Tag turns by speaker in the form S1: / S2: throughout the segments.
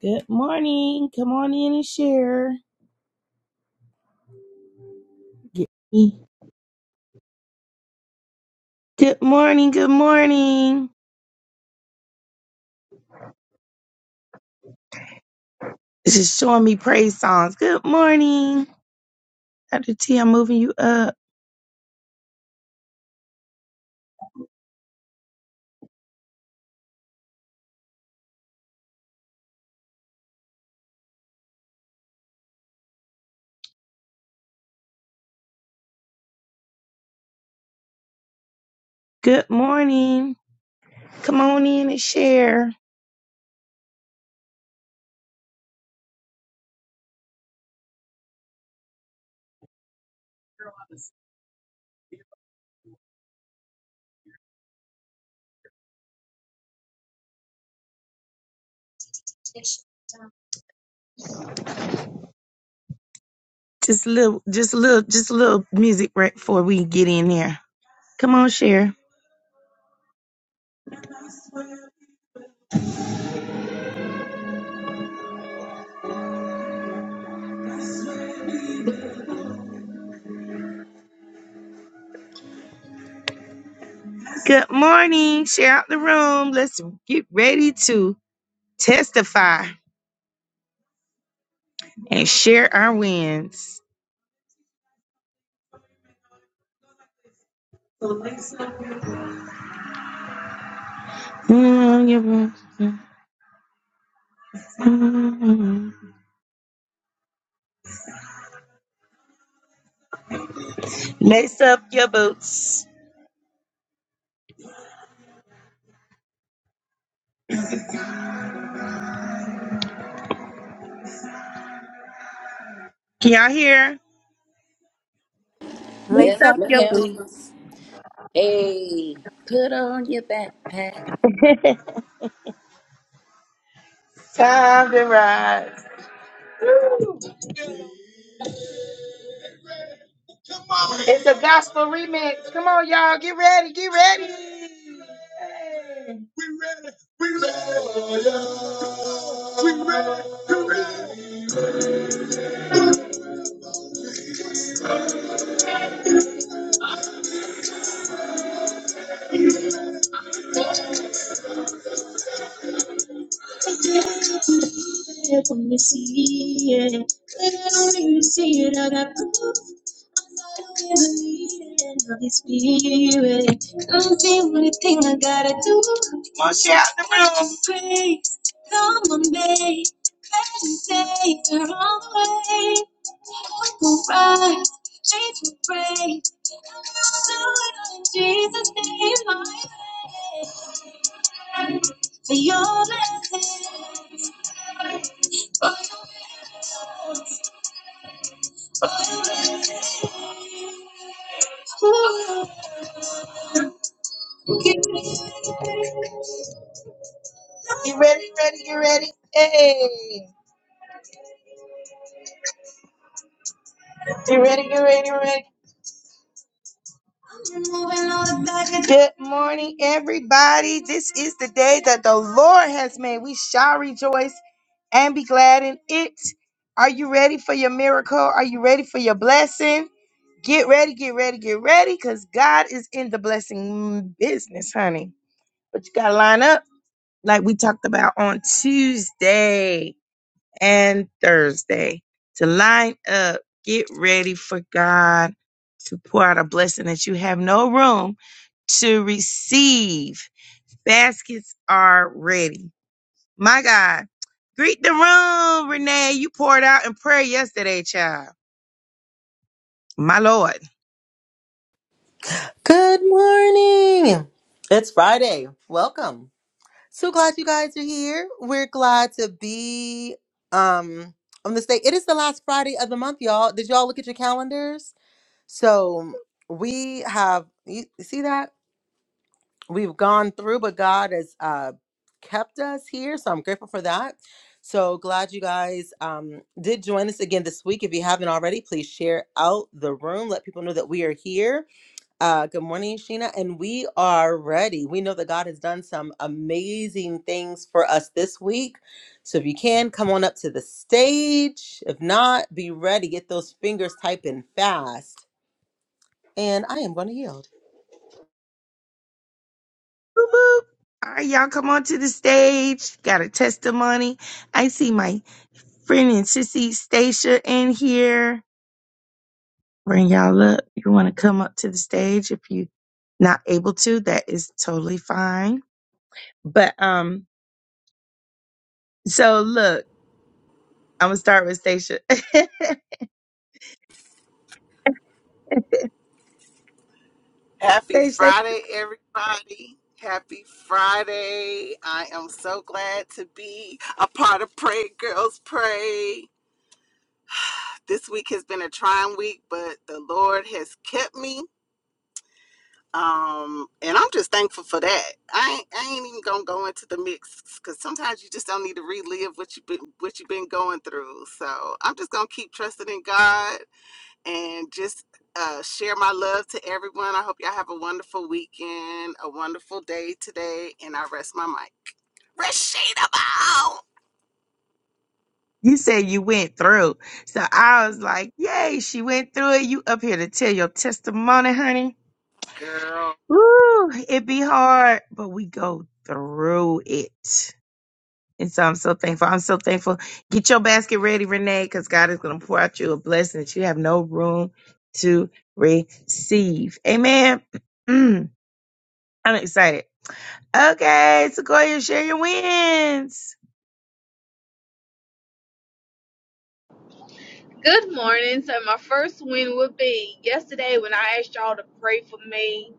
S1: Good morning. Come on in and share. Get me. Good morning. Good morning. This is showing me praise songs. Good morning. Dr. T, I'm moving you up. Good morning. Come on in and share. Just a little, just a little, just a little music right before we get in here. Come on, share. Good morning. Share out the room. Let's get ready to testify and share our wins. Lace up your boots. Can y'all hear? Lace
S2: Yes,
S3: Lace
S1: up
S3: up
S1: your
S3: your
S1: boots.
S2: ma'am.
S3: boots.
S2: Hey, put on your backpack.
S1: Time to rise. It's a gospel remix. Come on, y'all. Get ready. Get ready. When you see it, when you see it, I got proof. I don't ever need it. Holy Spirit, come do anything I gotta do. Come on, the room. Praise, come on, babe. Let me take her all the way. Hope will rise, change will break. I'm gonna do it all in Jesus' name, my name. For your blessings, You ready, ready, you ready? Hey. You ready, you ready, you ready? Good morning, everybody. This is the day that the Lord has made. We shall rejoice and be glad in it. Are you ready for your miracle? Are you ready for your blessing? Get ready, get ready, get ready, because God is in the blessing business, honey. But you got to line up like we talked about on Tuesday and Thursday to line up. Get ready for God to pour out a blessing that you have no room to receive. Baskets are ready. My God. Greet the room, Renee. You poured out in prayer yesterday, child. My Lord.
S3: Good morning. It's Friday. Welcome. So glad you guys are here. We're glad to be um on this day. It is the last Friday of the month, y'all. Did y'all look at your calendars? So we have you you see that? We've gone through, but God has uh kept us here. So I'm grateful for that. So glad you guys um did join us again this week. If you haven't already, please share out the room. Let people know that we are here Uh, good morning, Sheena. And we are ready. We know that God has done some amazing things for us this week. So if you can, come on up to the stage. If not, be ready. Get those fingers typing fast. And I am going to yield.
S1: Boop, boop. All right, y'all come on to the stage. Got a testimony. I see my friend and sissy Stacia in here. Bring y'all up. You want to come up to the stage if you not able to, that is totally fine. But um, so look, I'm gonna start with Stacia.
S4: Happy
S1: Stacia,
S4: Friday, everybody. Happy Friday. I am so glad to be a part of Pray Girls Pray. This week has been a trying week, but the Lord has kept me. Um, and I'm just thankful for that. I ain't, I ain't even gonna go into the mix because sometimes you just don't need to relive what you've been what you've been going through. So I'm just gonna keep trusting in God and just uh, share my love to everyone. I hope y'all have a wonderful weekend, a wonderful day today, and I rest my mic.
S1: You said you went through. So I was like, yay, she went through it. You up here to tell your testimony, honey.
S4: Girl.
S1: Woo, it be hard, but we go through it. And so I'm so thankful. I'm so thankful. Get your basket ready, Renee, because God is going to pour out you a blessing that you have no room to receive. Amen. I'm excited. Okay, Sequoia, share your wins.
S5: Good morning. So my first win would be yesterday when I asked y'all to pray for me.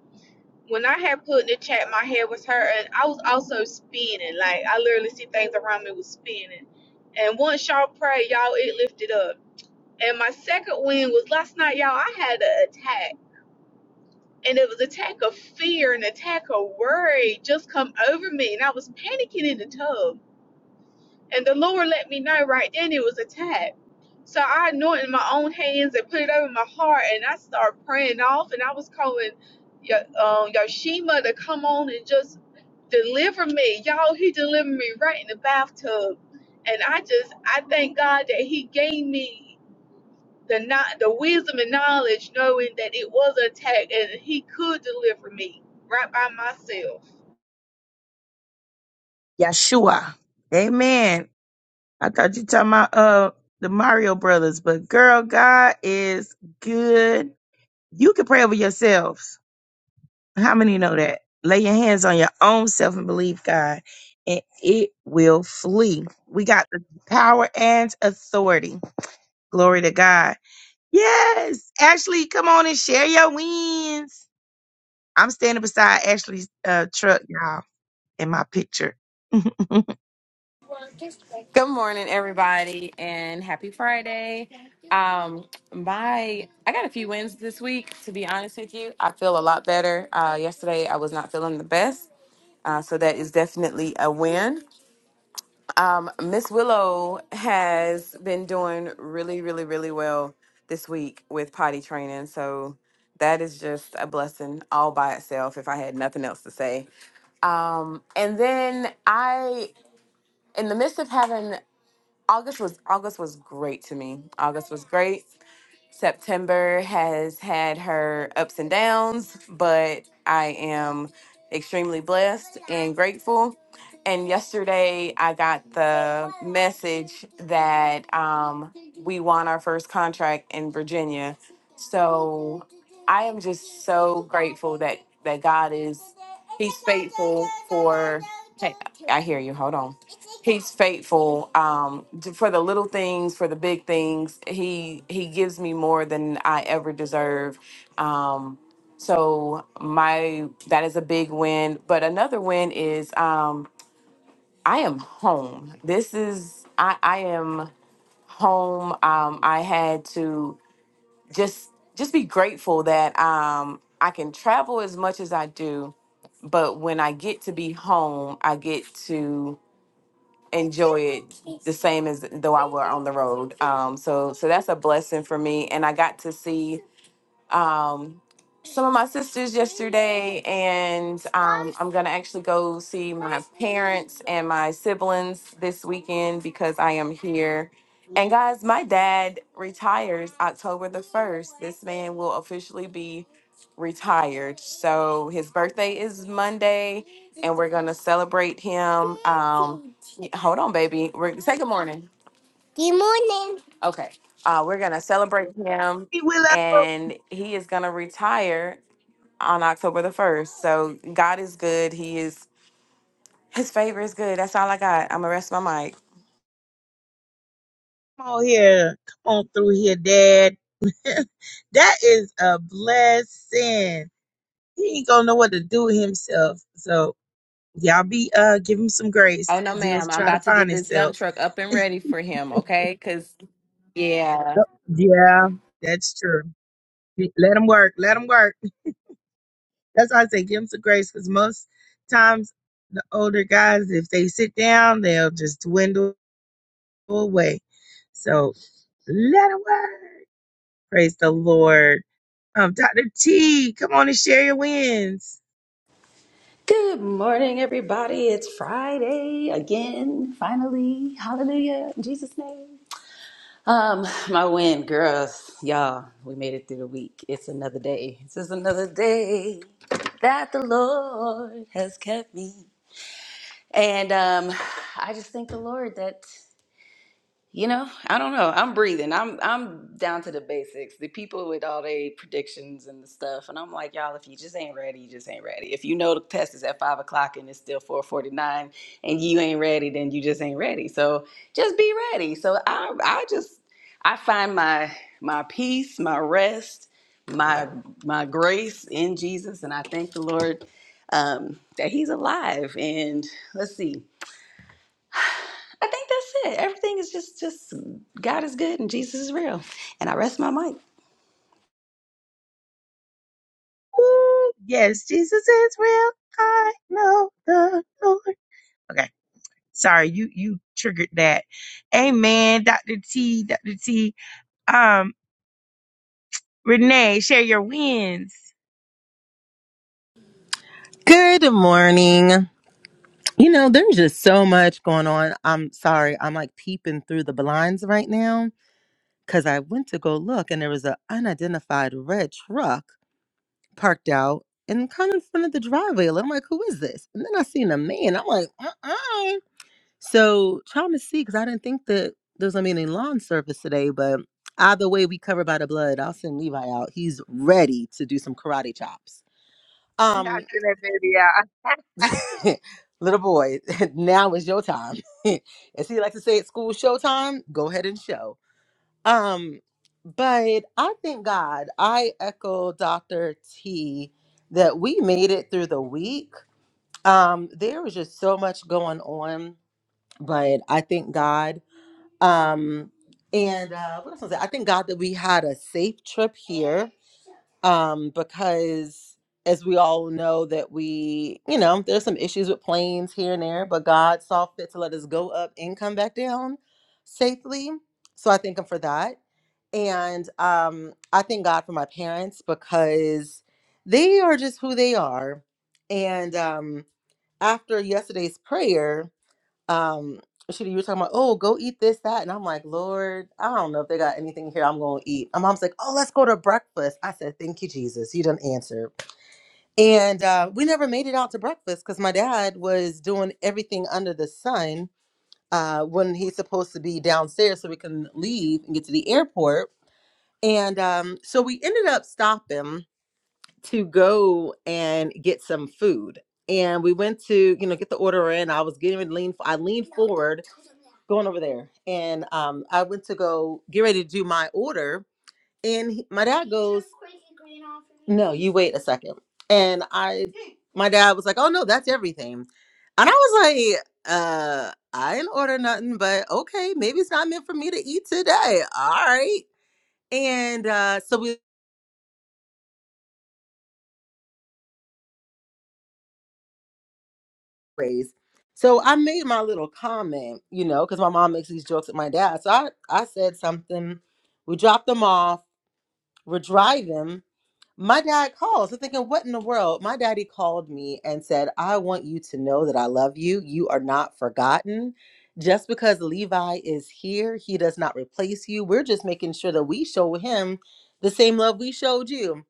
S5: When I had put in the chat, my head was hurting. I was also spinning. Like I literally see things around me was spinning. And once y'all prayed, y'all it lifted up. And my second win was last night, y'all. I had an attack, and it was attack of fear and attack of worry just come over me, and I was panicking in the tub. And the Lord let me know right then it was a tap. So I anointed my own hands and put it over my heart, and I started praying off, and I was calling Yo- um, Yoshima to come on and just deliver me. Y'all, he delivered me right in the bathtub, and I just I thank God that he gave me the not the wisdom and knowledge, knowing that it was an attack, and he could deliver me right by myself.
S1: Yeshua. Amen. I thought you talking about uh the Mario Brothers, but girl, God is good. You can pray over yourselves. How many know that? Lay your hands on your own self and believe God, and it will flee. We got the power and authority. Glory to God. Yes, Ashley, come on and share your wins. I'm standing beside Ashley's uh, truck, y'all, in my picture.
S6: Good morning, everybody, and happy Friday. Um, my I got a few wins this week. To be honest with you, I feel a lot better. Uh, yesterday, I was not feeling the best, uh, so that is definitely a win. Um, Miss Willow has been doing really, really, really well this week with potty training, so that is just a blessing all by itself. If I had nothing else to say, um, and then I, in the midst of having August was August was great to me. August was great. September has had her ups and downs, but I am extremely blessed and grateful. And yesterday I got the message that um, we won our first contract in Virginia. So I am just so grateful that that God is He's faithful for. Hey, I hear you. Hold on. He's faithful um, to- for the little things, for the big things. He he gives me more than I ever deserve. Um, so my that is a big win. But another win is um, I am home. This is I I am home. Um, I had to just just be grateful that um, I can travel as much as I do, but when I get to be home, I get to enjoy it the same as though I were on the road. Um, so so that's a blessing for me, and I got to see um, some of my sisters yesterday, and um, I'm gonna actually go see my parents and my siblings this weekend because I am here. And guys, my dad retires October the 1st. This man will officially be retired. So his birthday is Monday, and we're gonna celebrate him. Um, hold on, baby. We're, say good morning. Good morning. Okay. Uh, we're going to celebrate him,
S1: Hey, Willow.
S6: and he is going to retire on October the 1st. So God is good. He is, his favor is good. That's all I got. I'm going to rest my mic.
S1: Come on here. Come on through here, Dad. that is a blessing. He ain't gonna know what to do with himself. So y'all be uh give him some
S6: Oh,
S1: grace
S6: no,
S1: because he'll
S6: ma'am. I'm
S1: try to
S6: about to
S1: find
S6: get this dump
S1: himself.
S6: truck up and ready for him, okay? Because, yeah.
S1: Yep. Yeah, that's true. Let him work. Let him work. That's why I say give him some grace because most times the older guys, if they sit down, they'll just dwindle away. So let him work. Praise the Lord. Um, Dr. T, come on and share your wins.
S2: Good morning, everybody. It's Friday again, finally. Hallelujah. In Jesus' name. Um, my win, girls. Y'all, we made it through the week. It's another day. This is another day that the Lord has kept me. And um, I just thank the Lord that. You know, I don't know. I'm breathing. I'm I'm down to the basics. The people with all their predictions and the stuff, and I'm like, y'all, if you just ain't ready, you just ain't ready. If you know the test is at five o'clock and it's still four forty nine, and you ain't ready, then you just ain't ready. So just be ready. So I I just I find my my peace, my rest, my my grace in Jesus, and I thank the Lord um, that He's alive. And let's see. I think that's it. Everything is just just God is good and Jesus is real. And I rest my mic.
S1: Woo! Yes, Jesus is real. I know the Lord. Okay. Sorry, you you triggered that. Amen. Dr. T, Dr. T. Um, Renee, share your wins.
S3: Good morning. You know, there's just so much going on. I'm sorry. I'm like peeping through the blinds right now because I went to go look and there was an unidentified red truck parked out in kind of front of the driveway. And I'm like, who is this? And then I seen a man. I'm like, uh-uh. So trying to see because I didn't think that there was going to be any lawn service today. But either way, we cover by the blood. I'll send Levi out. He's ready to do some karate chops.
S1: And
S3: Um.
S1: Dr. That baby out.
S3: Little boy, now is your time. As he likes to say at school, showtime, go ahead and show. Um, but I thank God, I echo Dr. T that we made it through the week. Um, there was just so much going on, but I thank God. Um, and uh, what else was I? I thank God that we had a safe trip here um, because as we all know that we, you know, there's some issues with planes here and there, but God saw fit to let us go up and come back down safely. So I thank Him for that, and um, I thank God for my parents because they are just who they are. And um, after yesterday's prayer, um Shida, you were talking about, oh, go eat this, that. And I'm like, Lord, I don't know if they got anything here I'm going to eat. My mom's like, oh, let's go to breakfast. I said, thank you, Jesus. You done answered. And uh, we never made it out to breakfast because my dad was doing everything under the sun uh, when he's supposed to be downstairs so we can leave and get to the airport. And um, so we ended up stopping to go and get some food. And we went to, you know, get the order in. I was getting ready to lean. I leaned forward, going over there. And um, I went to go get ready to do my order. And he- my dad goes, No, you wait a second." And I, my dad was like, Oh, no, that's everything. And I was like, uh, I didn't order nothing, but okay, maybe it's not meant for me to eat today. All right. And uh, so we ways. So I made my little comment, you know, because my mom makes these jokes at my dad. So I, I said something. We dropped them off. We're driving. My dad calls. I'm thinking, what in the world? My daddy called me and said, I want you to know that I love you. You are not forgotten. Just because Levi is here, he does not replace you. We're just making sure that we show him the same love we showed you.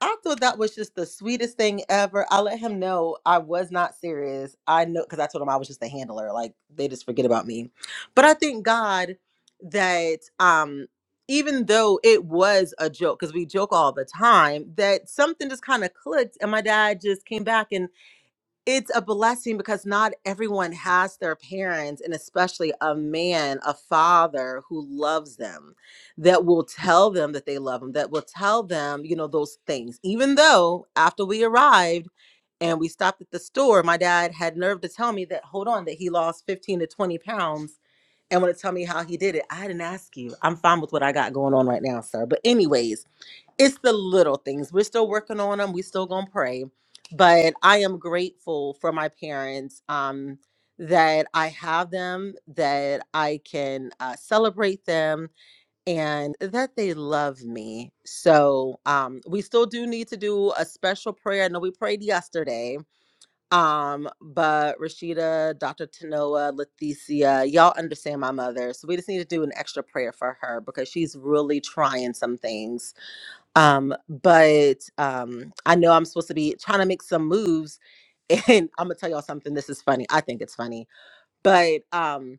S3: I thought that was just the sweetest thing ever. I let him know I was not serious. I know because I told him I was just a handler. Like they just forget about me. But I thank God that um even though it was a joke because we joke all the time that something just kind of clicked and my dad just came back and it's a blessing because not everyone has their parents and especially a man a father who loves them that will tell them that they love them that will tell them you know those things even though after we arrived and we stopped at the store my dad had nerve to tell me that hold on that he lost 15 to 20 pounds and want to tell me how he did it. I didn't ask you. I'm fine with what I got going on right now, sir. But anyways, it's the little things. We're still working on them. We still gonna pray. But I am grateful for my parents. Um, that I have them, that I can uh, celebrate them, and that they love me. So um, we still do need to do a special prayer. I know we prayed yesterday, um, but Rashida, Dr. Tanoa, Leticia, y'all understand my mother. So we just need to do an extra prayer for her because she's really trying some things. Um, but um, I know I'm supposed to be trying to make some moves. And I'm gonna tell y'all something. This is funny. I think it's funny. But um,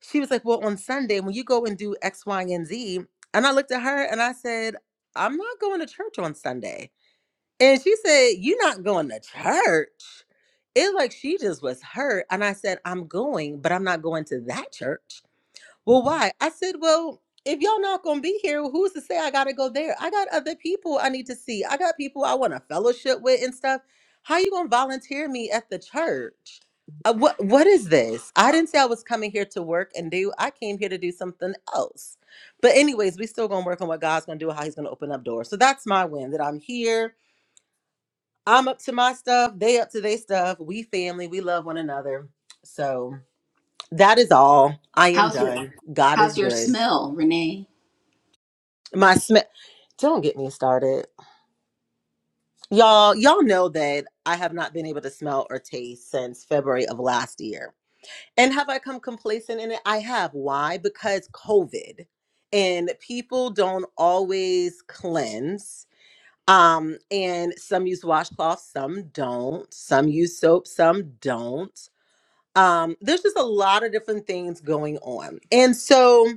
S3: she was like, Well, on Sunday, when you go and do X, Y, and Z, and I looked at her and I said, I'm not going to church on Sunday. And she said, You're not going to church. It was like she just was hurt. And I said, I'm going, but I'm not going to that church. Well, why? I said, Well, if y'all not gonna be here, well, who's to say I gotta go there? I got other people I need to see. I got people I want to fellowship with and stuff. How you gonna volunteer me at the church? Uh, what what is this? I didn't say I was coming here to work and do. I came here to do something else. But anyways, we still gonna work on what God's gonna do, how He's gonna open up doors. So that's my win that I'm here I'm up to my stuff. They up to their stuff. We family. We love one another. So that is all. I am
S2: How's your
S3: done. God is
S2: how's your
S3: good.
S2: smell, Renee?
S3: My smell. Don't get me started, y'all. Y'all know that I have not been able to smell or taste since February of last year. And have I come complacent in it? I have. Why? Because COVID, and people don't always cleanse. Um, and some use washcloths, some don't. Some use soap, some don't um there's just a lot of different things going on and so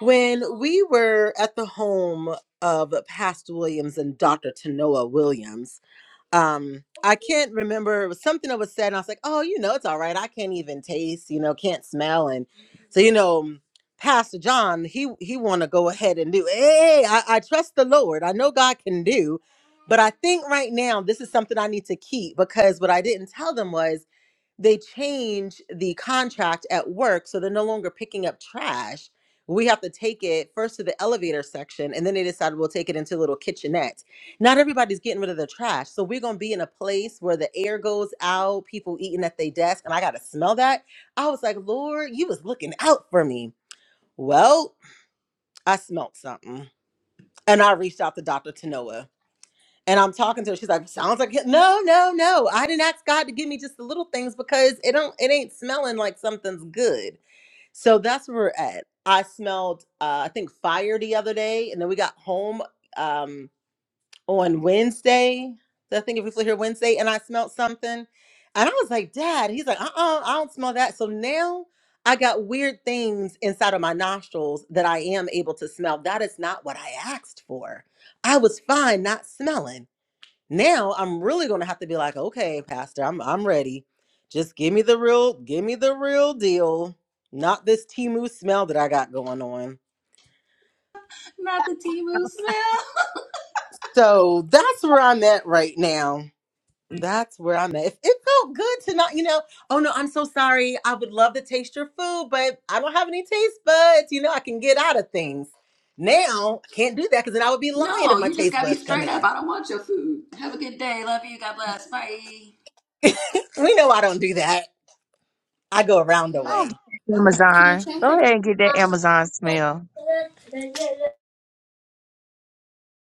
S3: when we were at the home of pastor williams and dr tanoa williams um i can't remember it was something that was said and i was like oh you know it's all right i can't even taste you know can't smell and so you know pastor john he he want to go ahead and do hey I, I trust the lord i know god can do but i think right now this is something i need to keep because what i didn't tell them was they change the contract at work so they're no longer picking up trash. We have to take it first to the elevator section and then they decide we'll take it into little kitchenettes. Not everybody's getting rid of their trash. So we're going to be in a place where the air goes out, people eating at their desk, and I got to smell that. I was like, Lord, you was looking out for me. Well, I smelt something and I reached out to Dr. Tanoa. And I'm talking to her. She's like, sounds like it." no, no, no. I didn't ask God to give me just the little things because it don't it ain't smelling like something's good. So that's where we're at. I smelled uh, I think fire the other day, and then we got home um on Wednesday. I think if we flew here Wednesday, and I smelled something. And I was like, Dad, he's like, uh uh I don't smell that. So now I got weird things inside of my nostrils that I am able to smell. That is not what I asked for. I was fine not smelling. Now I'm really gonna have to be like, okay, Pastor, I'm I'm ready. Just give me the real, give me the real deal, not this Timu smell that I got going on.
S2: Not the Timu smell.
S3: So that's where I'm at right now. That's where I'm at. It, it felt good to not, you know. Oh no, I'm so sorry. I would love to taste your food, but I don't have any taste buds. You know, I can get out of things. Now I can't do that because then I would be lying
S2: No,
S3: if my
S2: you just
S3: taste
S2: gotta be
S3: buds come
S2: straight up.
S3: in.
S2: I don't want your food. Have a good day. Love you. God bless. Bye.
S3: We know I don't do that. I go around the
S1: Oh,
S3: way.
S1: get that Amazon. Go ahead and get that Amazon smell.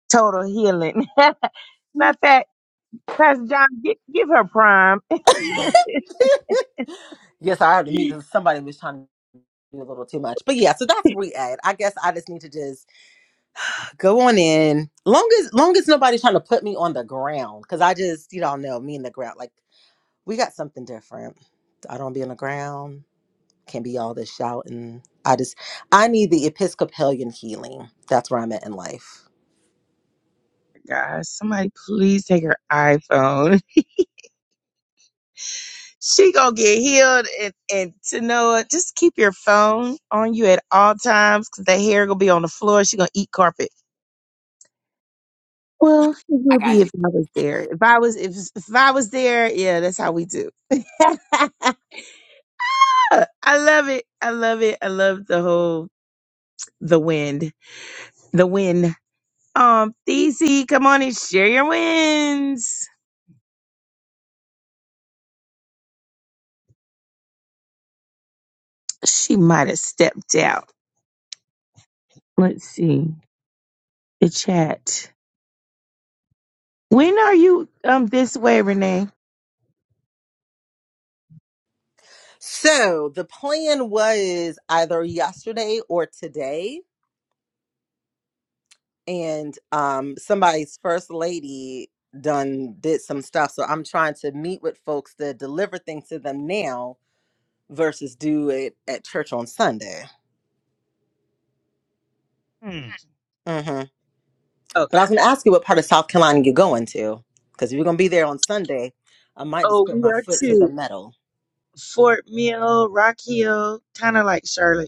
S1: Total healing. Matter of fact, Pastor John, gi- give her prime.
S3: Yes, I heard the mute because somebody was trying to do a little too much. But yeah, so that's re-ed. I guess I just need to just go on in. Long as long as nobody's trying to put me on the ground. Cause I just, you don't know, me and the ground. Like we got something different. I don't be on the ground. Can't be all this shouting. I just I need the Episcopalian healing. That's where I'm at in life.
S1: Guys, somebody please take her iPhone. She gonna get healed and, and to know it, just keep your phone on you at all times because that hair gonna be on the floor. She gonna eat carpet. Well, it
S2: I
S1: would be
S2: got you.
S1: if I was there. If I was if if I was there, yeah, that's how we do. I love it. I love it. I love the whole the wind. The wind. Um, DC, come on and share your wins. She might have stepped out. Let's see. The chat. When are you um this way, Renee?
S3: So the plan was either yesterday or today and um somebody's first lady done did some stuff so i'm trying to meet with folks to deliver things to them now versus do it at church on sunday
S1: Hmm.
S3: hmm
S1: Okay.
S3: but i was going to ask you what part of south carolina you're going to because if you're going to be there on sunday i might just
S1: Oh,
S3: put
S1: we
S3: my
S1: are
S3: foot to the
S1: too.
S3: metal
S1: Fort Mill, Rock Hill, kind of like Charlotte.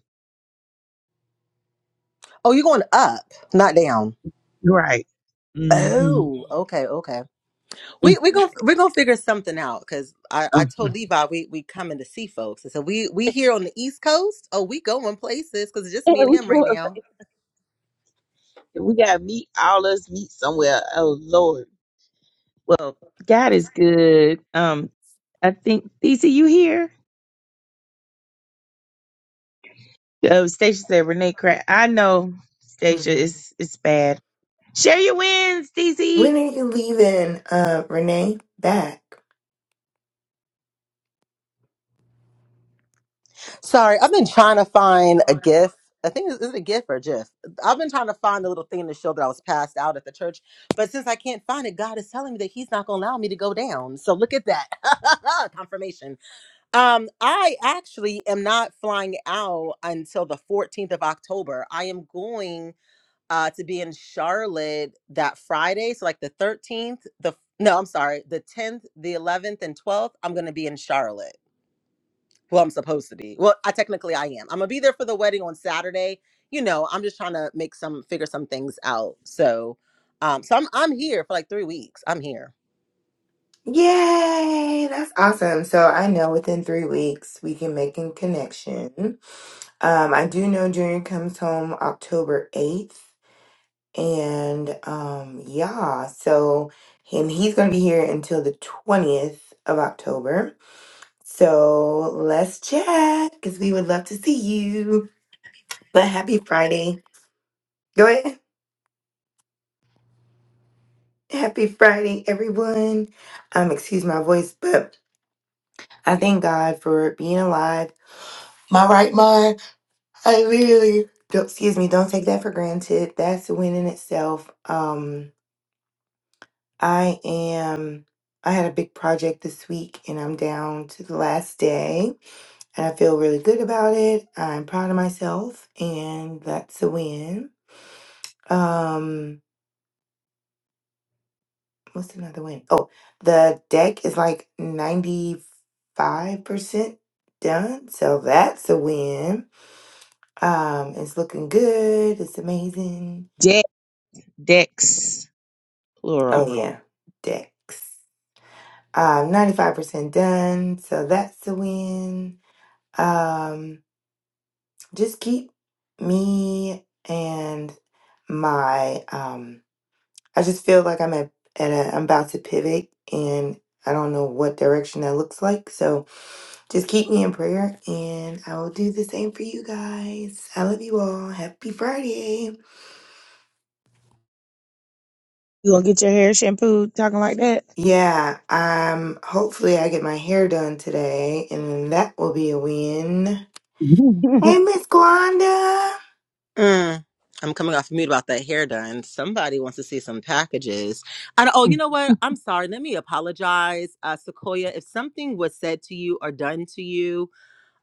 S3: oh you're going up not down
S1: Right. mm
S3: oh okay okay
S1: hmm
S3: We we gonna we gonna figure something out because I, I
S1: Um,
S3: told Levi we we coming to see folks and so we we here on the East Coast oh we going places because it's just me and him right now.
S1: we gotta meet all us meet somewhere. Oh Lord. Well, God is good. Um, I think DC, you here? Oh, Stacia said Renee crack. I know Stacia
S7: hmm
S1: is it's bad. Share your wins,
S7: When
S1: DC.
S7: are you leaving, uh, Renee? Back.
S3: Sorry, I've been trying to find a gif. I think it's- is it a gif or a gif? I've been trying to find the little thing to show that I was passed out at the church, but since I can't find it, God is telling me that He's not gonna allow me to go down. So look at that confirmation. Um, I actually am not flying out until the 14th of October. I am going. uh, to be in Charlotte that Friday. So like the 13th, the no, I'm sorry, the 10th, the 11th, and 12th. I'm gonna be in Charlotte. Well, I'm supposed to be. Well, I technically I am. I'm gonna be there for the wedding on Saturday. You know, I'm just trying to make some figure some things out. So, um, so I'm I'm here for like three weeks. I'm here.
S7: Yay! That's awesome. So I know within three weeks we can make a connection. Um, I do know Junior comes home October 8th. And um, yeah, so and he's gonna be here until the 20th of October. So let's chat because we would love to see you. But happy Friday. Go ahead. Happy Friday, everyone. Um, excuse my voice, but I thank God for being alive. My right mind. I really don't excuse me, don't take that for granted. That's a win in itself. Um, I am I had a big project this week and I'm down to the last day and I feel really good about it. I'm proud of myself and that's a win. Um what's another win? Oh, the deck is like 95% done. So that's a win. Um, it's looking good. It's amazing.
S1: De- Dex
S7: Oh
S1: plural.
S7: yeah, decks. Um, 95% done. So that's a win. Um, just keep me and my um I just feel like I'm at, at a I'm about to pivot and I don't know what direction that looks like. So Just keep me in prayer and I will do the same for you guys. I love you all. Happy Friday.
S1: You gonna get your hair shampooed talking like that?
S7: Yeah, um hopefully I get my hair done today and that will be a win. Hey Miss Gwanda.
S3: Mm. I'm coming off mute about that hair done. Somebody wants to see some packages. And oh, you know what? I'm
S1: Mm.
S3: sorry. Let me apologize, uh, Sequoia. If something was said to you or done to you,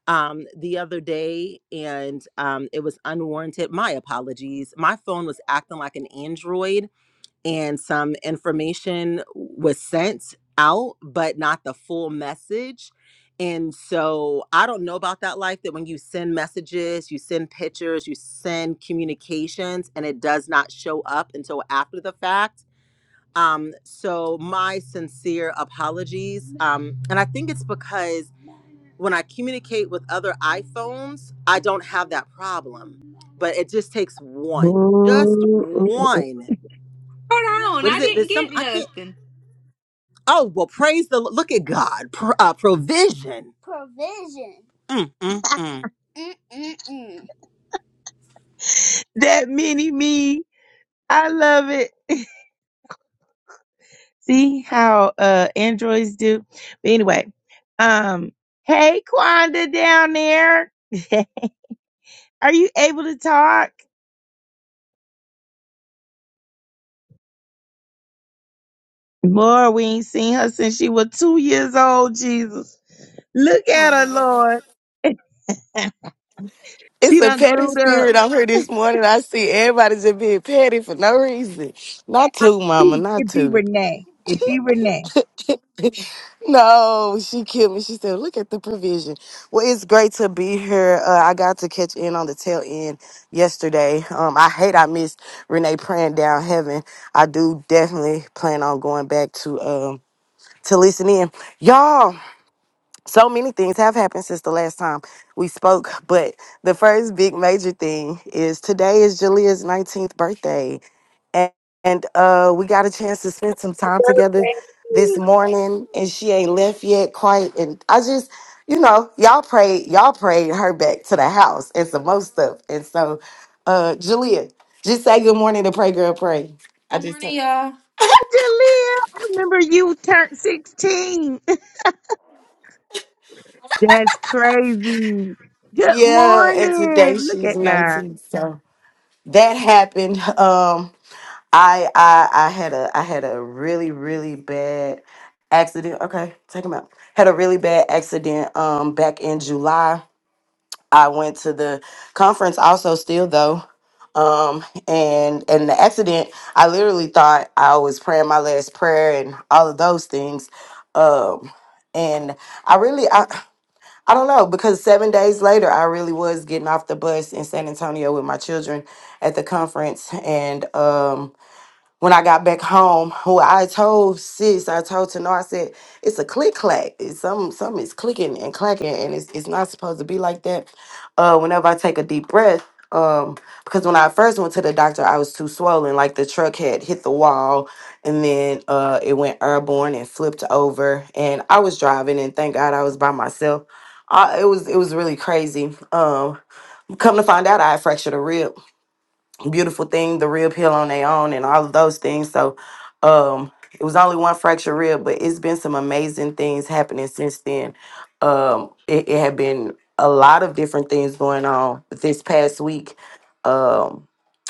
S3: um the other day and um it was unwarranted my apologies my phone was acting like an android and some information was sent out but not the full message and so i don't know about that life that when you send messages you send pictures you send communications and it does not show up until after the fact um so my sincere apologies um and i think it's because when I communicate with other iPhones, I don't have that problem. But it just takes one, just
S1: Oh, oh, oh, oh.
S3: one.
S5: Hold on,
S3: What
S5: I
S3: is it?
S5: didn't
S3: There's some
S5: get
S3: I can't.
S5: nothing.
S3: Oh well, praise the look at God pr- uh, provision. Mm, mm, mm.
S1: that mini me. I love it. See how uh androids do. But anyway, um, hey Quanda down there, are you able to talk? Lord, we ain't seen her since she was two years old. Jesus, look at her, Lord.
S8: It's
S1: she
S8: a
S1: done
S8: petty
S1: grew up.
S8: spirit on her this morning. I see everybody just being petty for no reason.
S1: Eh, I-
S8: Not too,
S1: It
S8: mama,
S1: be,
S8: not
S1: it be
S8: too.
S1: Renee. It be Renee.
S8: No, she killed me. She said, look at the provision. Well, it's great to be here. Uh, I got to catch in on the tail end yesterday. Um, I hate I missed Renee praying down heaven. I do definitely plan on going back to um to listen in. Y'all, so many things have happened since the last time we spoke, but the first big major thing is today is Julia's 19th birthday. And, and uh, we got a chance to spend some time together
S1: Hey,
S8: this morning, and she ain't left yet quite. And I just, you know, y'all prayed, y'all prayed her back to the house and some more stuff. And so, uh, Julia, just say good morning to Pray Girl Pray. I Good just morning, y'all.
S1: Where did you live? I remember you turned 16. That's crazy. Good
S8: yeah, and today
S1: morning. Look
S8: she's
S1: at God.
S8: 19. So that happened. Um I I I had a I had a really really bad accident. Okay, take him out. Had a really bad accident um back in July. I went to the conference also still though. Um and and the accident, I literally thought I was praying my last prayer and all of those things. Um and I really I I don't know because 7 days later I really was getting off the bus in San Antonio with my children at the conference and um when I got back home, who I told sis, I told Tanor, I said, it's a click clack. It's some something is clicking and clacking and it's it's not supposed to be like that. Uh whenever I take a deep breath, um, because when I first went to the doctor, I was too swollen. Like the truck had hit the wall and then uh it went airborne and flipped over. And I was driving and thank God I was by myself. I, it was it was really crazy. Um, come to find out, I had fractured a rib beautiful thing, the rib heal on their own, and all of those things. So, um, it was only one fractured rib, but it's been some amazing things happening since then. Um, it, it had been a lot of different things going on. But this past week, um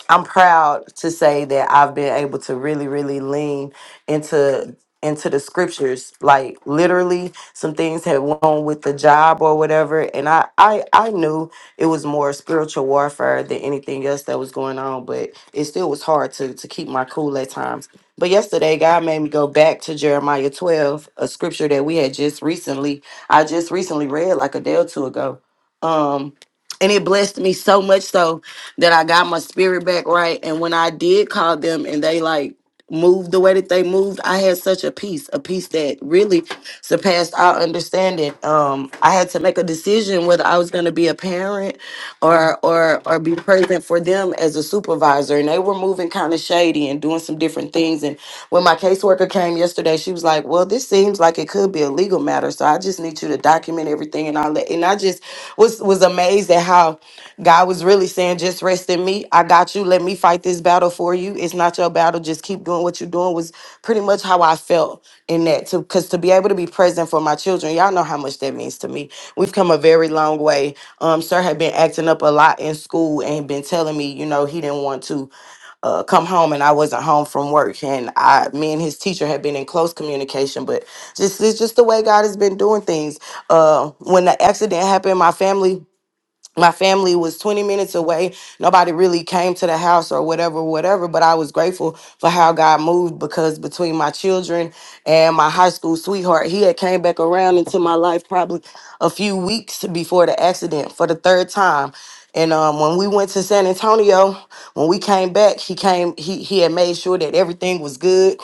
S8: I'm proud to say that I've been able to really, really lean into into the scriptures. Like literally, some things had went on with the job or whatever, and I I I knew it was more spiritual warfare than anything else that was going on. But it still was hard to to keep my cool at times. But yesterday, God made me go back to Jeremiah 12, a scripture that we had just recently. I just recently read like a day or two ago. Um, and it blessed me so much so that I got my spirit back right. And when I did call them and they like moved the way that they moved, I had such a peace, a peace that really surpassed our understanding. Um, I had to make a decision whether I was gonna be a parent or or or be present for them as a supervisor. And they were moving kind of shady and doing some different things. When my caseworker came yesterday, she was like, "Well, this seems like it could be a legal matter, so I just need you to document everything and all that." And I just was was amazed at how God was really saying, "Just rest in me. I got you. Let me fight this battle for you. It's not your battle. Just keep doing what you're doing." Was pretty much how I felt in that too, because to be able to be present for my children, y'all know how much that means to me. We've come a very long way. Um, sir had been acting up a lot in school and been telling me, you know, he didn't want to uh, come home and I wasn't home from work. And I, me and his teacher had been in close communication, but just it's just the way God has been doing things. Uh, when the accident happened, my family my family was 20 minutes away. Nobody really came to the house or whatever, whatever. But I was grateful for how God moved because between my children and my high school sweetheart, he had came back around into my life probably a few weeks before the accident for the third time. And um, when we went to San Antonio, when we came back, he came. He he had made sure that everything was good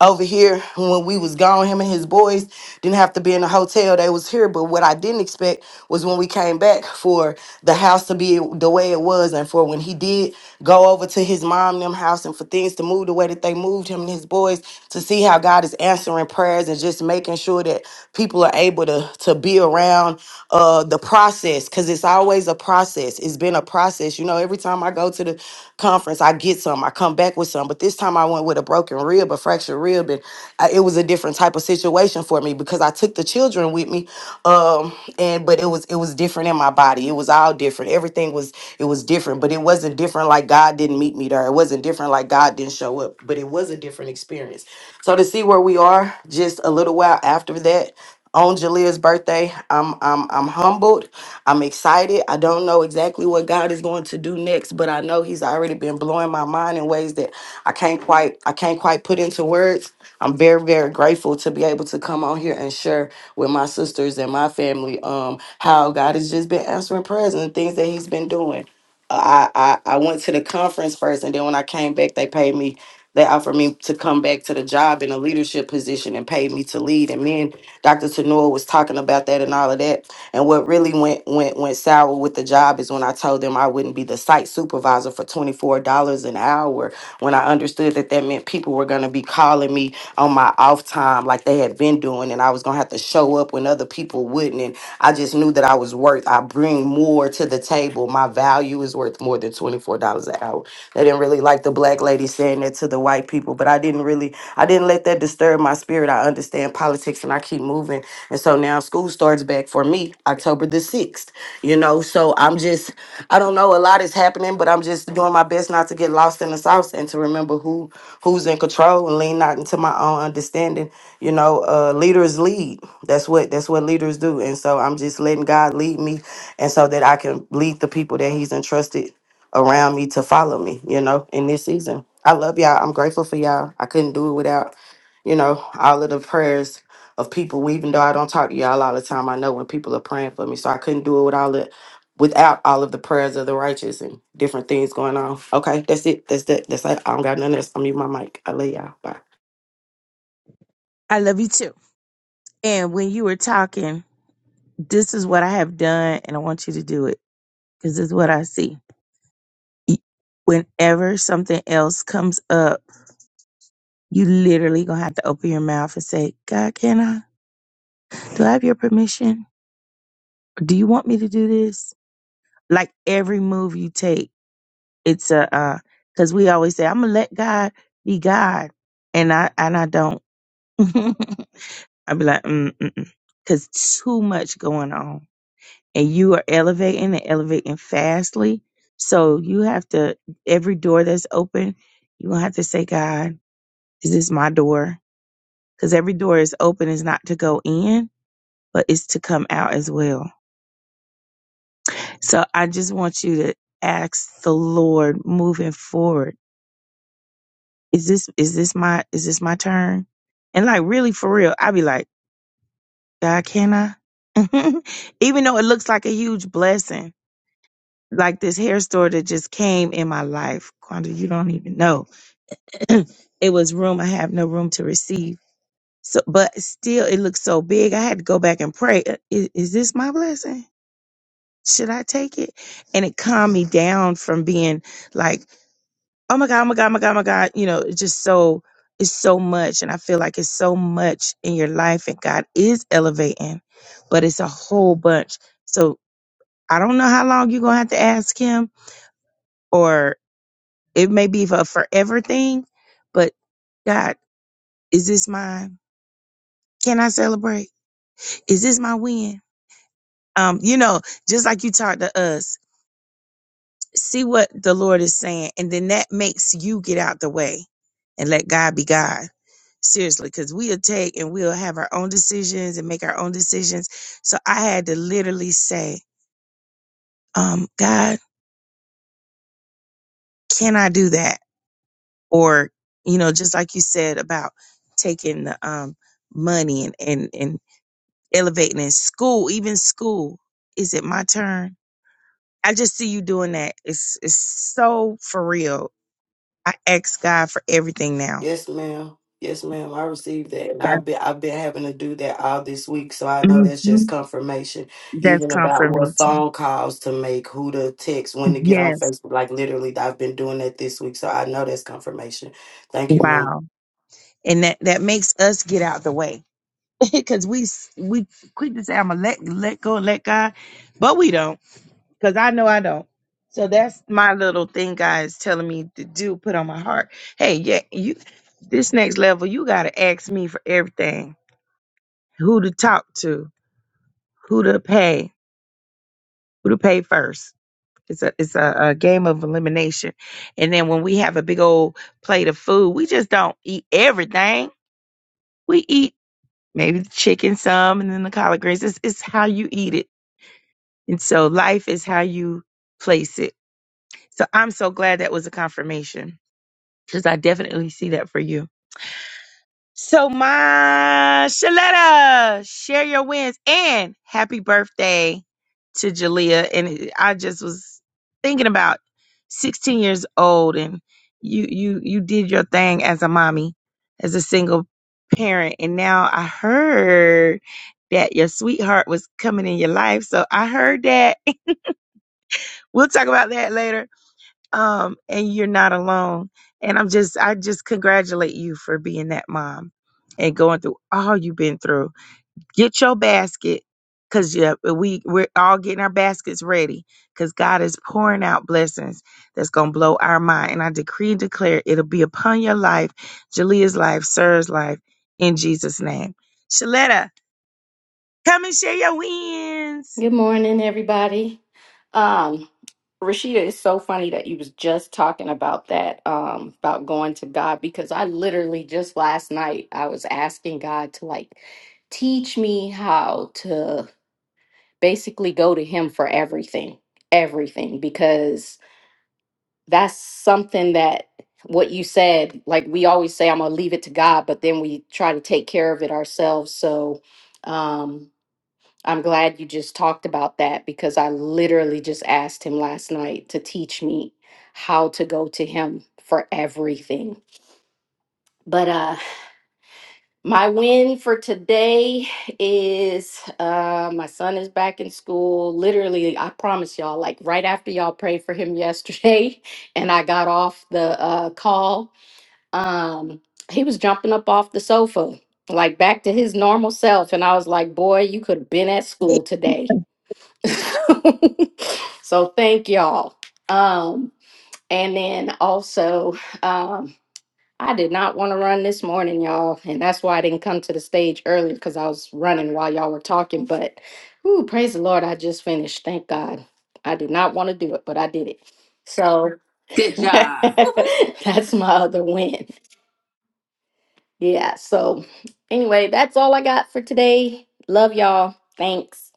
S8: over here when we was gone him and his boys didn't have to be in a hotel they was here but what i didn't expect was when we came back for the house to be the way it was and for when he did go over to his mom and them house and for things to move the way that they moved him and his boys to see how god is answering prayers and just making sure that people are able to to be around uh the process because it's always a process process. It's been a process. You know, every time I go to the conference, I get some, I come back with some. But this time I went with a broken rib, a fractured rib, and I, it was a different type of situation for me because I took the children with me. Um, and but it was it was different in my body. It was all different. Everything was it was different, but it wasn't different like God didn't meet me there. It wasn't different like God didn't show up, but it was a different experience. So to see where we are just a little while after that on Jaleel's birthday. I'm I'm I'm humbled. I'm excited. I don't know exactly what God is going to do next, but I know He's already been blowing my mind in ways that I can't quite I can't quite put into words. I'm very very grateful to be able to come on here and share with my sisters and my family um how God has just been answering prayers and things that He's been doing. I I, I went to the conference first, and then when I came back, they paid me. They offered me to come back to the job in a leadership position and paid me to lead. And then Dr. Tanua was talking about that and all of that. And what really went went went sour with the job is when I told them I wouldn't be the site supervisor for twenty four dollars an hour. When I understood that that meant people were gonna be calling me on my off time like they had been doing, and I was gonna have to show up when other people wouldn't. And I just knew that I was worth. I bring more to the table. My value is worth more than twenty four dollars an hour. They didn't really like the black lady saying that to the white people, but I didn't really, I didn't let that disturb my spirit. I understand politics and I keep moving. And so now school starts back for me October the 6th, you know? So I'm just, I don't know, a lot is happening, but I'm just doing my best not to get lost in the sauce and to remember who who's in control and lean not into my own understanding. You know, uh, leaders lead. That's what that's what leaders do. And so I'm just letting God lead me, and so that I can lead the people that He's entrusted around me to follow me, you know, in this season. I love y'all. I'm grateful for y'all. I couldn't do it without, you know, all of the prayers of people. Well, Even though I don't talk to y'all all the time, I know when people are praying for me. So I couldn't do it with all the without all of the prayers of the righteous and different things going on. Okay, that's it. That's that. That's it. I don't got nothing else. I'm mute my mic. I love y'all. Bye.
S1: I love you too. And when you were talking, This is what I have done, and I want you to do it because this is what I see. Y- Whenever something else comes up, you literally gonna have to open your mouth and say, God, can I? Do I have your permission? Do you want me to do this? Like every move you take, it's a uh, because we always say, I'm gonna let God be God, and I and I don't. i be like, mm, mm, mm, cause too much going on. and you are elevating and elevating fastly. So you have to, every door that's open, you gonna have to say, God, is this my door? Because every door is open is not to go in, but it's to come out as well. So I just want you to ask the Lord moving forward, is this is this my is this my turn? And like really for real, i be like, God, can I? Even though it looks like a huge blessing like this hair store that just came in my life. Quando, you don't even know. it was room. I have no room to receive. So, but still, it looked so big. I had to go back and pray. "Uh, Is, is this my blessing? Should I take it? And it calmed me down from being like, oh my God, oh my God, oh my God, oh my God. You know, it's just so, it's so much. And I feel like it's so much in your life and God is elevating, but it's a whole bunch. So I don't know how long you're going to have to ask him or. It may be a forever thing, but God, is this mine? Can I celebrate? Is this my win? Um, you know, just like you talked to us, see what the Lord is saying, and then that makes you get out the way and let God be God. Seriously, because we'll take and we'll have our own decisions and make our own decisions. So I had to literally say, um, God, can I do that? Or, you know, just like you said about taking the um money and and and elevating in school, even school. Is it my turn? I just see you doing that. It's it's so for real. I ask God for everything now.
S8: Yes, ma'am. Yes, ma'am. I received that, and
S1: That's
S8: I've been I've been having to do that all this week, so I know
S1: hmm
S8: that's just confirmation.
S1: that's
S8: Even about what
S1: confirmation.
S8: phone calls to make, who to text, when to get on
S1: Yes.
S8: Facebook. Like literally, I've been doing that this week, so I know that's confirmation. Thank you, Mom.
S1: Wow. And that that makes us get out the way because we s- we quick to say I'm gonna let let go and let God, but we don't. because I know I don't. So that's my little thing God is telling me to do, put on my heart. Hey, yeah, you this next level, you gotta ask me for everything. Who to talk to, who to pay, who to pay first. It's a it's a, a game of elimination. And then when we have a big old plate of food, we just don't eat everything. We eat maybe the chicken some and then the collard greens. It's, it's how you eat it. And so life is how you place it. So I'm so glad that was a confirmation because I definitely see that for you. So, my Shaletta, share your wins and happy birthday to Jalea. And I just was thinking about 16 years old, and you you you did your thing as a mommy, as a single parent, and now I heard that your sweetheart was coming in your life. So I heard that. we'll talk about that later um, and you're not alone. And I'm just, I just congratulate you for being that mom and going through all you've been through. Get your basket, cause yeah, we we're all getting our baskets ready, cause God is pouring out blessings that's gonna blow our mind. And I decree and declare it'll be upon your life, Jalea's life, Sarah's life, in Jesus' name. Shaletta, come and share your wins.
S9: Good morning, everybody. Um, Rashida, it's so funny that you was just talking about that, um, about going to God, because I literally just last night I was asking God to like teach me how to basically go to Him for everything, everything, because that's something that what you said, like we always say, I'm gonna leave it to God, but then we try to take care of it ourselves. So, um, I'm glad you just talked about that because I literally just asked him last night to teach me how to go to him for everything. But uh my win for today is uh my son is back in school. Literally, I promise y'all like right after y'all prayed for him yesterday and I got off the uh call, um he was jumping up off the sofa like back to his normal self and I was like, "Boy, you could have been at school today." so thank y'all. Um, and then also, um, I did not want to run this morning, y'all, and that's why I didn't come to the stage earlier because I was running while y'all were talking. But, ooh, praise the Lord, I just finished. Thank God. I did not want to do it, but I did it. So
S2: Good job. Woo woo.
S9: that's my other win. Yeah. So anyway, that's all I got for today. Love y'all. Thanks.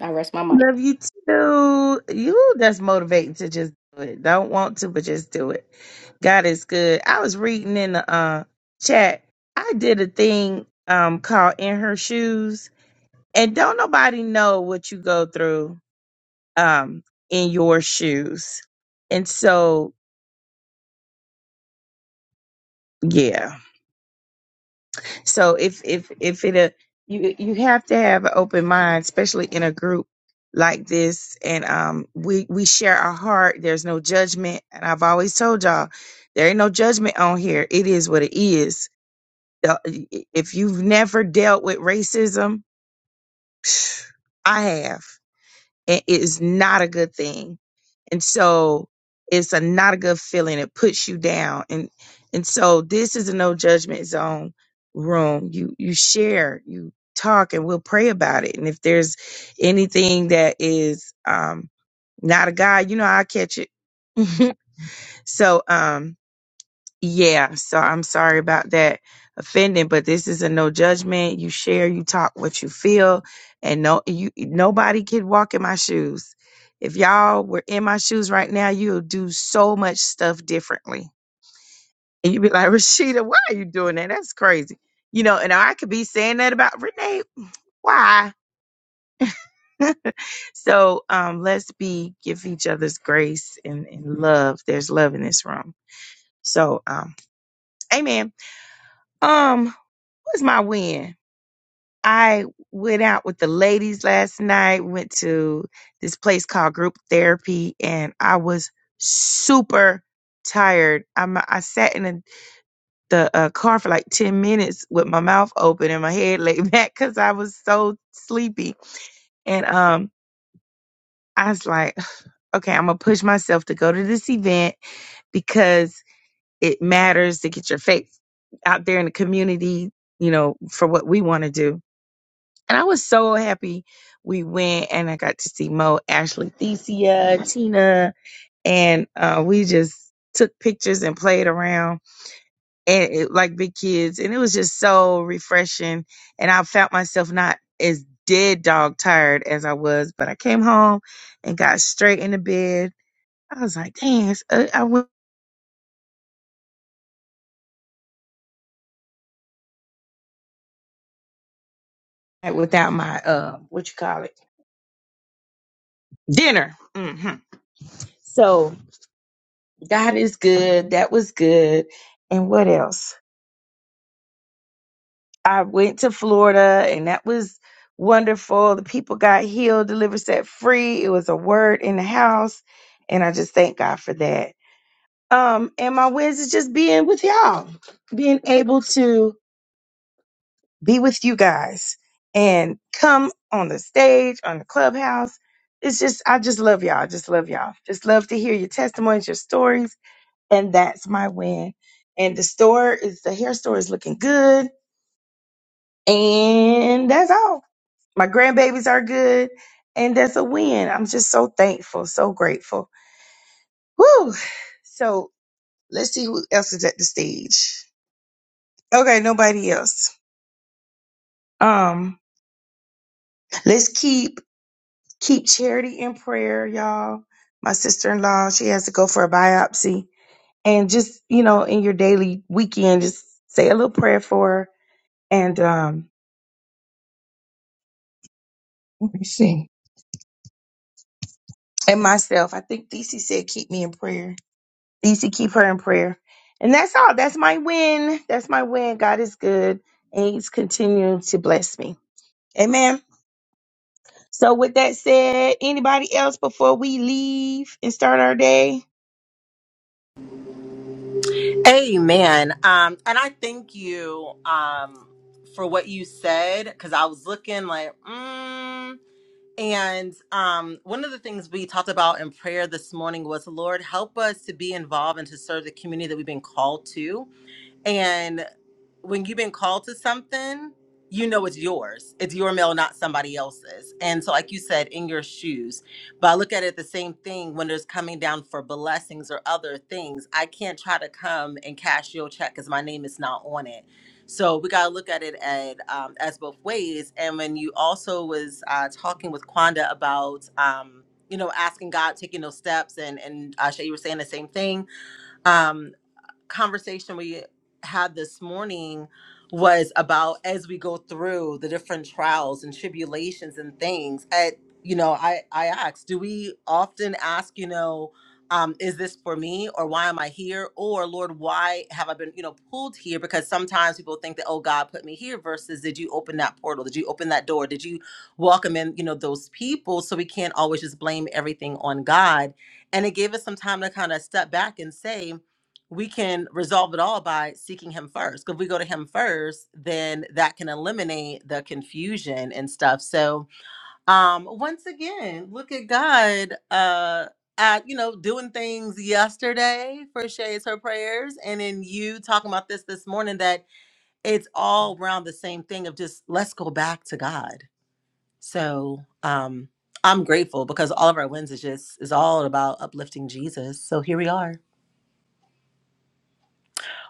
S9: I rest my mic.
S1: Love you too. You that's motivating to just do it. Don't want to, but just do it. God is good. I was reading in the uh, chat. I did a thing um called "In Her Shoes," and don't nobody know what you go through um in your shoes. And so, yeah. So if if if it a you you have to have an open mind, especially in a group like this, and um we we share our heart. There's no judgment, and I've always told y'all there ain't no judgment on here. It is what it is. The- If you've never dealt with racism, I have, and it is not a good thing and so it's a not a good feeling it puts you down and and so this is a no judgment zone room you you share you talk and we'll pray about it and if there's anything that is um not a god you know i'll catch it so um yeah, so I'm sorry about that offending, but this is a no judgment. You share, you talk what you feel, and no you nobody could walk in my shoes. If y'all were in my shoes right now, you'll do so much stuff differently. And you'd be like, Rashida, why are you doing that? That's crazy. You know, and I could be saying that about Renee. Why? so um let's be give each other's grace and, and love. There's love in this room. So um amen. Um, was my win? I went out with the ladies last night, went to this place called group therapy, and I was super tired. I'm, I sat in the the uh, car for like 10 minutes with my mouth open and my head laid back because I was so sleepy. And um, I was like, okay, I'm gonna push myself to go to this event because it matters to get your faith out there in the community, you know, for what we want to do And I was so happy we went and I got to see Mo, Ashley, Thesia, Tina, and uh, we just took pictures and played around and it, like big kids. And it was just so refreshing. And I felt myself not as dead dog tired as I was, but I came home and got straight into bed. I was like, dang, it's- uh, I went without my, uh, what you call it, dinner. hmm So God is good. That was good. And what else? I went to Florida and that was wonderful. The people got healed, delivered, set free. It was a word in the house. And I just thank God for that. Um, and my wins is just being with y'all, being able to be with you guys and come on the stage, on the clubhouse. It's just, I just love y'all. Just love y'all. Just love to hear your testimonies, your stories. And that's my win. And the store is, the hair store is looking good. And that's all. My grandbabies are good, and that's a win. I'm just so thankful, so grateful. Woo! So let's see who else is at the stage. Okay, nobody else. Um, let's keep keep charity in prayer, y'all. My sister in law, she has to go for a biopsy, and just you know, in your daily weekend, just say a little prayer for her. And um, let me see. And myself, I think DC said, keep me in prayer You should keep her in prayer. And that's all. That's my win. That's my win. God is good. And he's continuing to bless me. Amen. So with that said, anybody else before we leave and start our day?
S3: Amen. Um, and I thank you um for what you said because I was looking like mm. And um, one of the things we talked about in prayer this morning was, Lord, help us to be involved and to serve the community that we've been called to And when you've been called to something, you know it's yours. It's your mail, not somebody else's. And so, like you said, in your shoes. But I look at it the same thing when there's coming down for blessings or other things. I can't try to come and cash your check because my name is not on it. So we gotta look at it at, um, as both ways. And when you also was uh, talking with Quanda about, um, you know, asking God, taking those steps, and and uh, Shay, you were saying the same thing. Um, conversation we had this morning was about as we go through the different trials and tribulations and things at you know i i asked do we often ask you know um, is this for me or why am i here or lord why have i been you know pulled here because sometimes people think that oh god put me here versus did you open that portal did you open that door did you welcome in you know those people so we can't always just blame everything on god and it gave us some time to kind of step back and say we can resolve it all by seeking him first. 'Cause If we go to him first, then that can eliminate the confusion and stuff. So um once again, look at God uh at you know doing things yesterday for Shay's her prayers and then you talking about this this morning that it's all around the same thing of just let's go back to God. So um I'm grateful because all of our wins is just is all about uplifting Jesus. So here we are.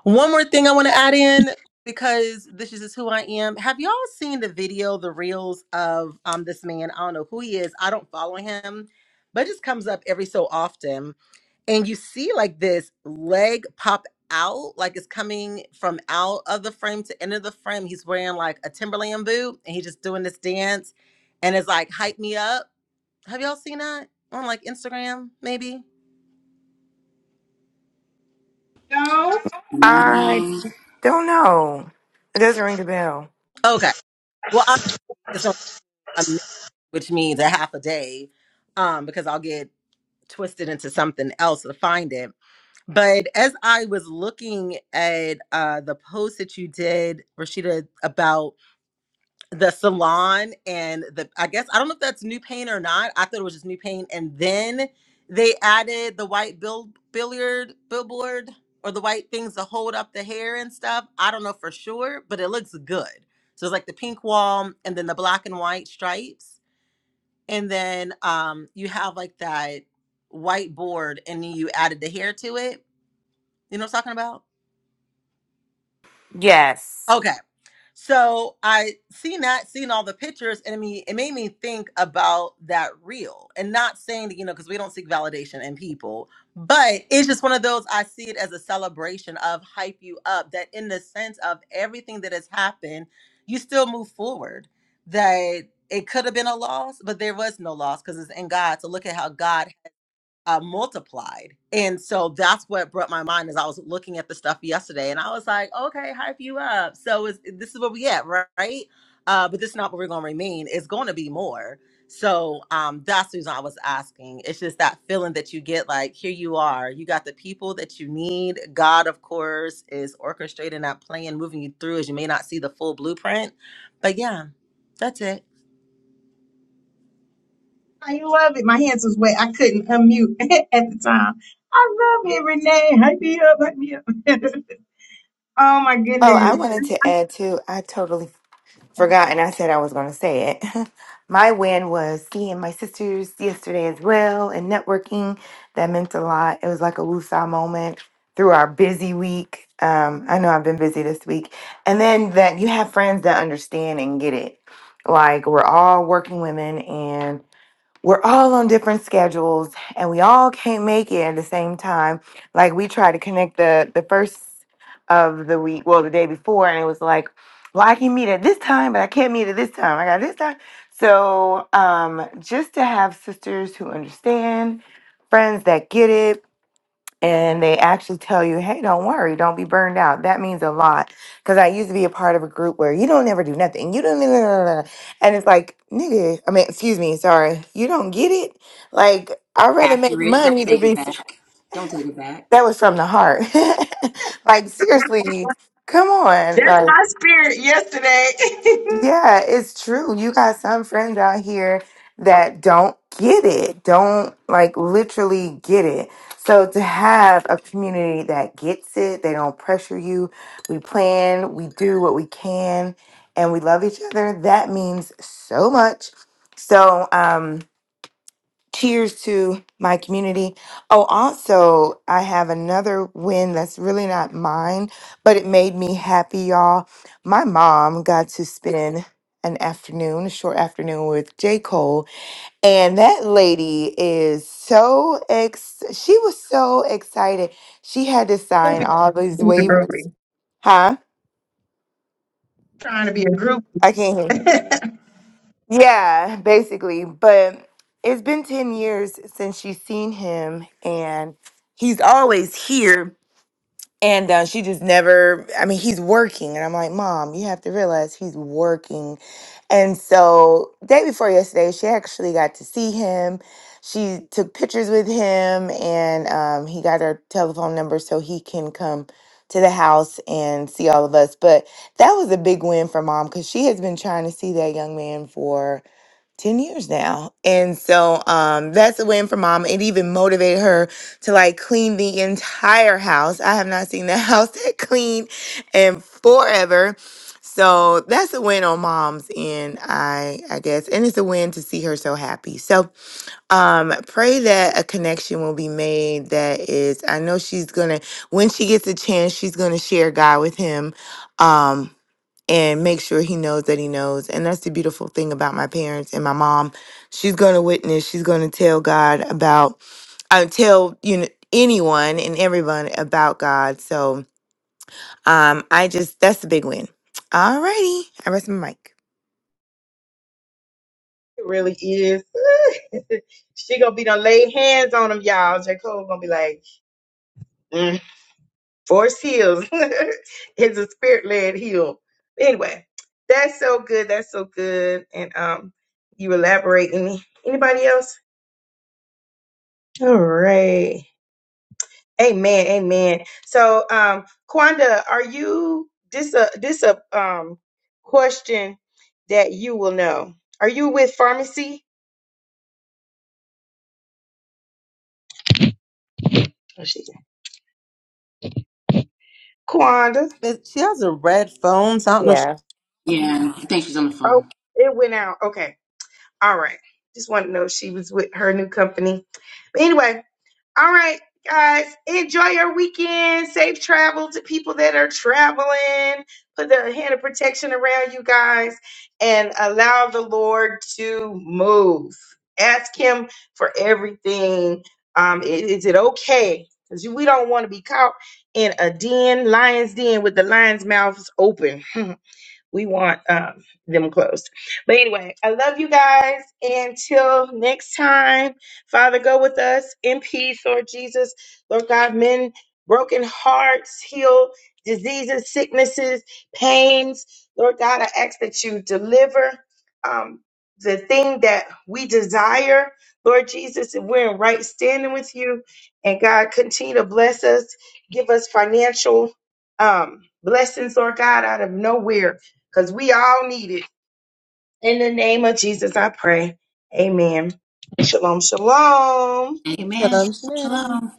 S3: One more thing I want to add in because this is just who I am. Have y'all seen the video, the reels of um this man? I don't know who he is. I don't follow him, but it just comes up every so often. And you see like this leg pop out, like it's coming from out of the frame to end the frame. He's wearing like a Timberland boot and he's just doing this dance and it's like hype me up. Have y'all seen that on like Instagram, maybe?
S1: No.
S7: I
S2: No.
S7: don't know. It doesn't ring the bell.
S3: Okay. Well, I, it's gonna a minute, which means a half a day, um, because I'll get twisted into something else to find it. But as I was looking at uh, the post that you did, Rashida, about the salon and the, I guess, I don't know if that's new paint or not. I thought it was just new paint. And then they added the white bill, billiard, billboard or the white things to hold up the hair and stuff. I don't know for sure, but it looks good. So it's like the pink wall and then the black and white stripes and then um you have like that white board and then you added the hair to it you know what i'm talking about
S7: Yes.
S3: okay so i seen that seen all the pictures and i mean it made me think about that reel and not saying that you know because we don't seek validation in people but it's just one of those i see it as a celebration of hype you up that in the sense of everything that has happened you still move forward that it could have been a loss, but there was no loss because it's in God. So look at how God uh, multiplied. And so that's what brought my mind Is I was looking at the stuff yesterday, and I was like, okay, hype you up. So is this is where we at, ri- right? Uh, but this is not where we're going to remain. It's going to be more. So um, that's the reason I was asking. It's just that feeling that you get, like here you are, you got the people that you need. God, of course, is orchestrating that plan, moving you through. As you may not see the full blueprint, but yeah, that's it.
S1: I really, oh my
S7: Oh,
S1: goodness.
S7: I wanted to add too. I totally forgot and I said I was going to say it. my win was seeing my sisters yesterday as well and networking. That meant a lot. It was like a woosah moment through our busy week. Um, I know I've been busy this week. And then that you have friends that understand and get it. Like we're all working women we're all on different schedules and we all can't make it at the same time like we tried to connect the the first of the week well the day before and it was like well i can meet at this time but i can't meet at this time i got this time so um just to have sisters who understand friends that get it and they actually tell you, hey, don't worry, don't be burned out. That means a lot. Because I used to be a part of a group where you don't ever do nothing. You don't, and it's like, nigga, I mean, excuse me, sorry, you don't get it. Like, I'd rather make
S2: Accurate. Don't
S7: money to
S2: take it
S7: be,
S2: back. Don't take it back.
S7: that was from the heart. like, seriously, come on.
S1: That's
S7: like,
S1: my spirit yesterday.
S7: yeah, it's true. You got some friends out here that don't get it, don't like literally get it. So to have a community that gets it, they don't pressure you. We plan, we do what we can, and we love each other. That means so much. So, um, cheers to my community. Oh, also, I have another win that's really not mine, but it made me happy, y'all. My mom got to spend an afternoon, a short afternoon with J. Cole, and that lady is so ex she was so excited. She had to sign
S1: Groupie.
S7: all these
S1: She's a
S7: waivers.
S1: groupie.
S7: Huh?
S1: Trying to be a group.
S7: I can't hear. Yeah, basically. But it's been 10 years since she's seen him, and he's always here. And uh, she just never, I mean, he's working. And I'm like, Mom, you have to realize he's working. And so, day before yesterday, she actually got to see him. She took pictures with him, and um, he got her telephone number so he can come to the house and see all of us. But that was a big win for mom because she has been trying to see that young man for 10 years now. And so um that's a win for mom. It even motivated her to like clean the entire house. I have not seen the house that clean in forever. So that's a win on mom's end, I I guess. And it's a win to see her so happy. So um pray that a connection will be made that is i know she's gonna when she gets a chance she's gonna share god with him um and make sure he knows that he knows and that's the beautiful thing about my parents and my mom she's gonna witness she's gonna tell god about uh, tell you know anyone and everyone about god so um i just that's the big win all righty i rest my mic
S1: It really is. she gonna be done lay hands on them, y'all. J. Cole gonna be like, Force heals. it's a spirit led heal. Anyway, that's so good. That's so good. And um, you elaborate any anybody else? All right. Amen. Amen. So um, Quanda, are you this a this a um question that you will know? Are you with pharmacy? Oh, she- Quanda.
S3: It- She has a red phone, so I don't know.
S2: Yeah. I think she's on the
S1: Oh,
S2: phone.
S1: it went out. Okay. All right. Just wanted to know if she was with her new company. But anyway, All right, guys, enjoy your weekend. Safe travel to people that are traveling. Put the hand of protection around you guys and allow the Lord to move. Ask Him for everything. Um, i- is it okay? Because we don't want to be caught in a den, lion's den, with the lion's mouths open. we want um, them closed. But anyway, I love you guys. Until next time, Father, go with us in peace, Lord Jesus. Lord God, mend broken hearts, heal diseases, sicknesses, pains. Lord God, I ask that you deliver um, the thing that we desire, Lord Jesus, and we're in right standing with you. And God, continue to bless us, give us financial um, blessings, Lord God, out of nowhere because we all need it. In the name of Jesus, I pray. Amen. Shalom, shalom.
S2: Amen.
S3: if She,
S2: Shalom.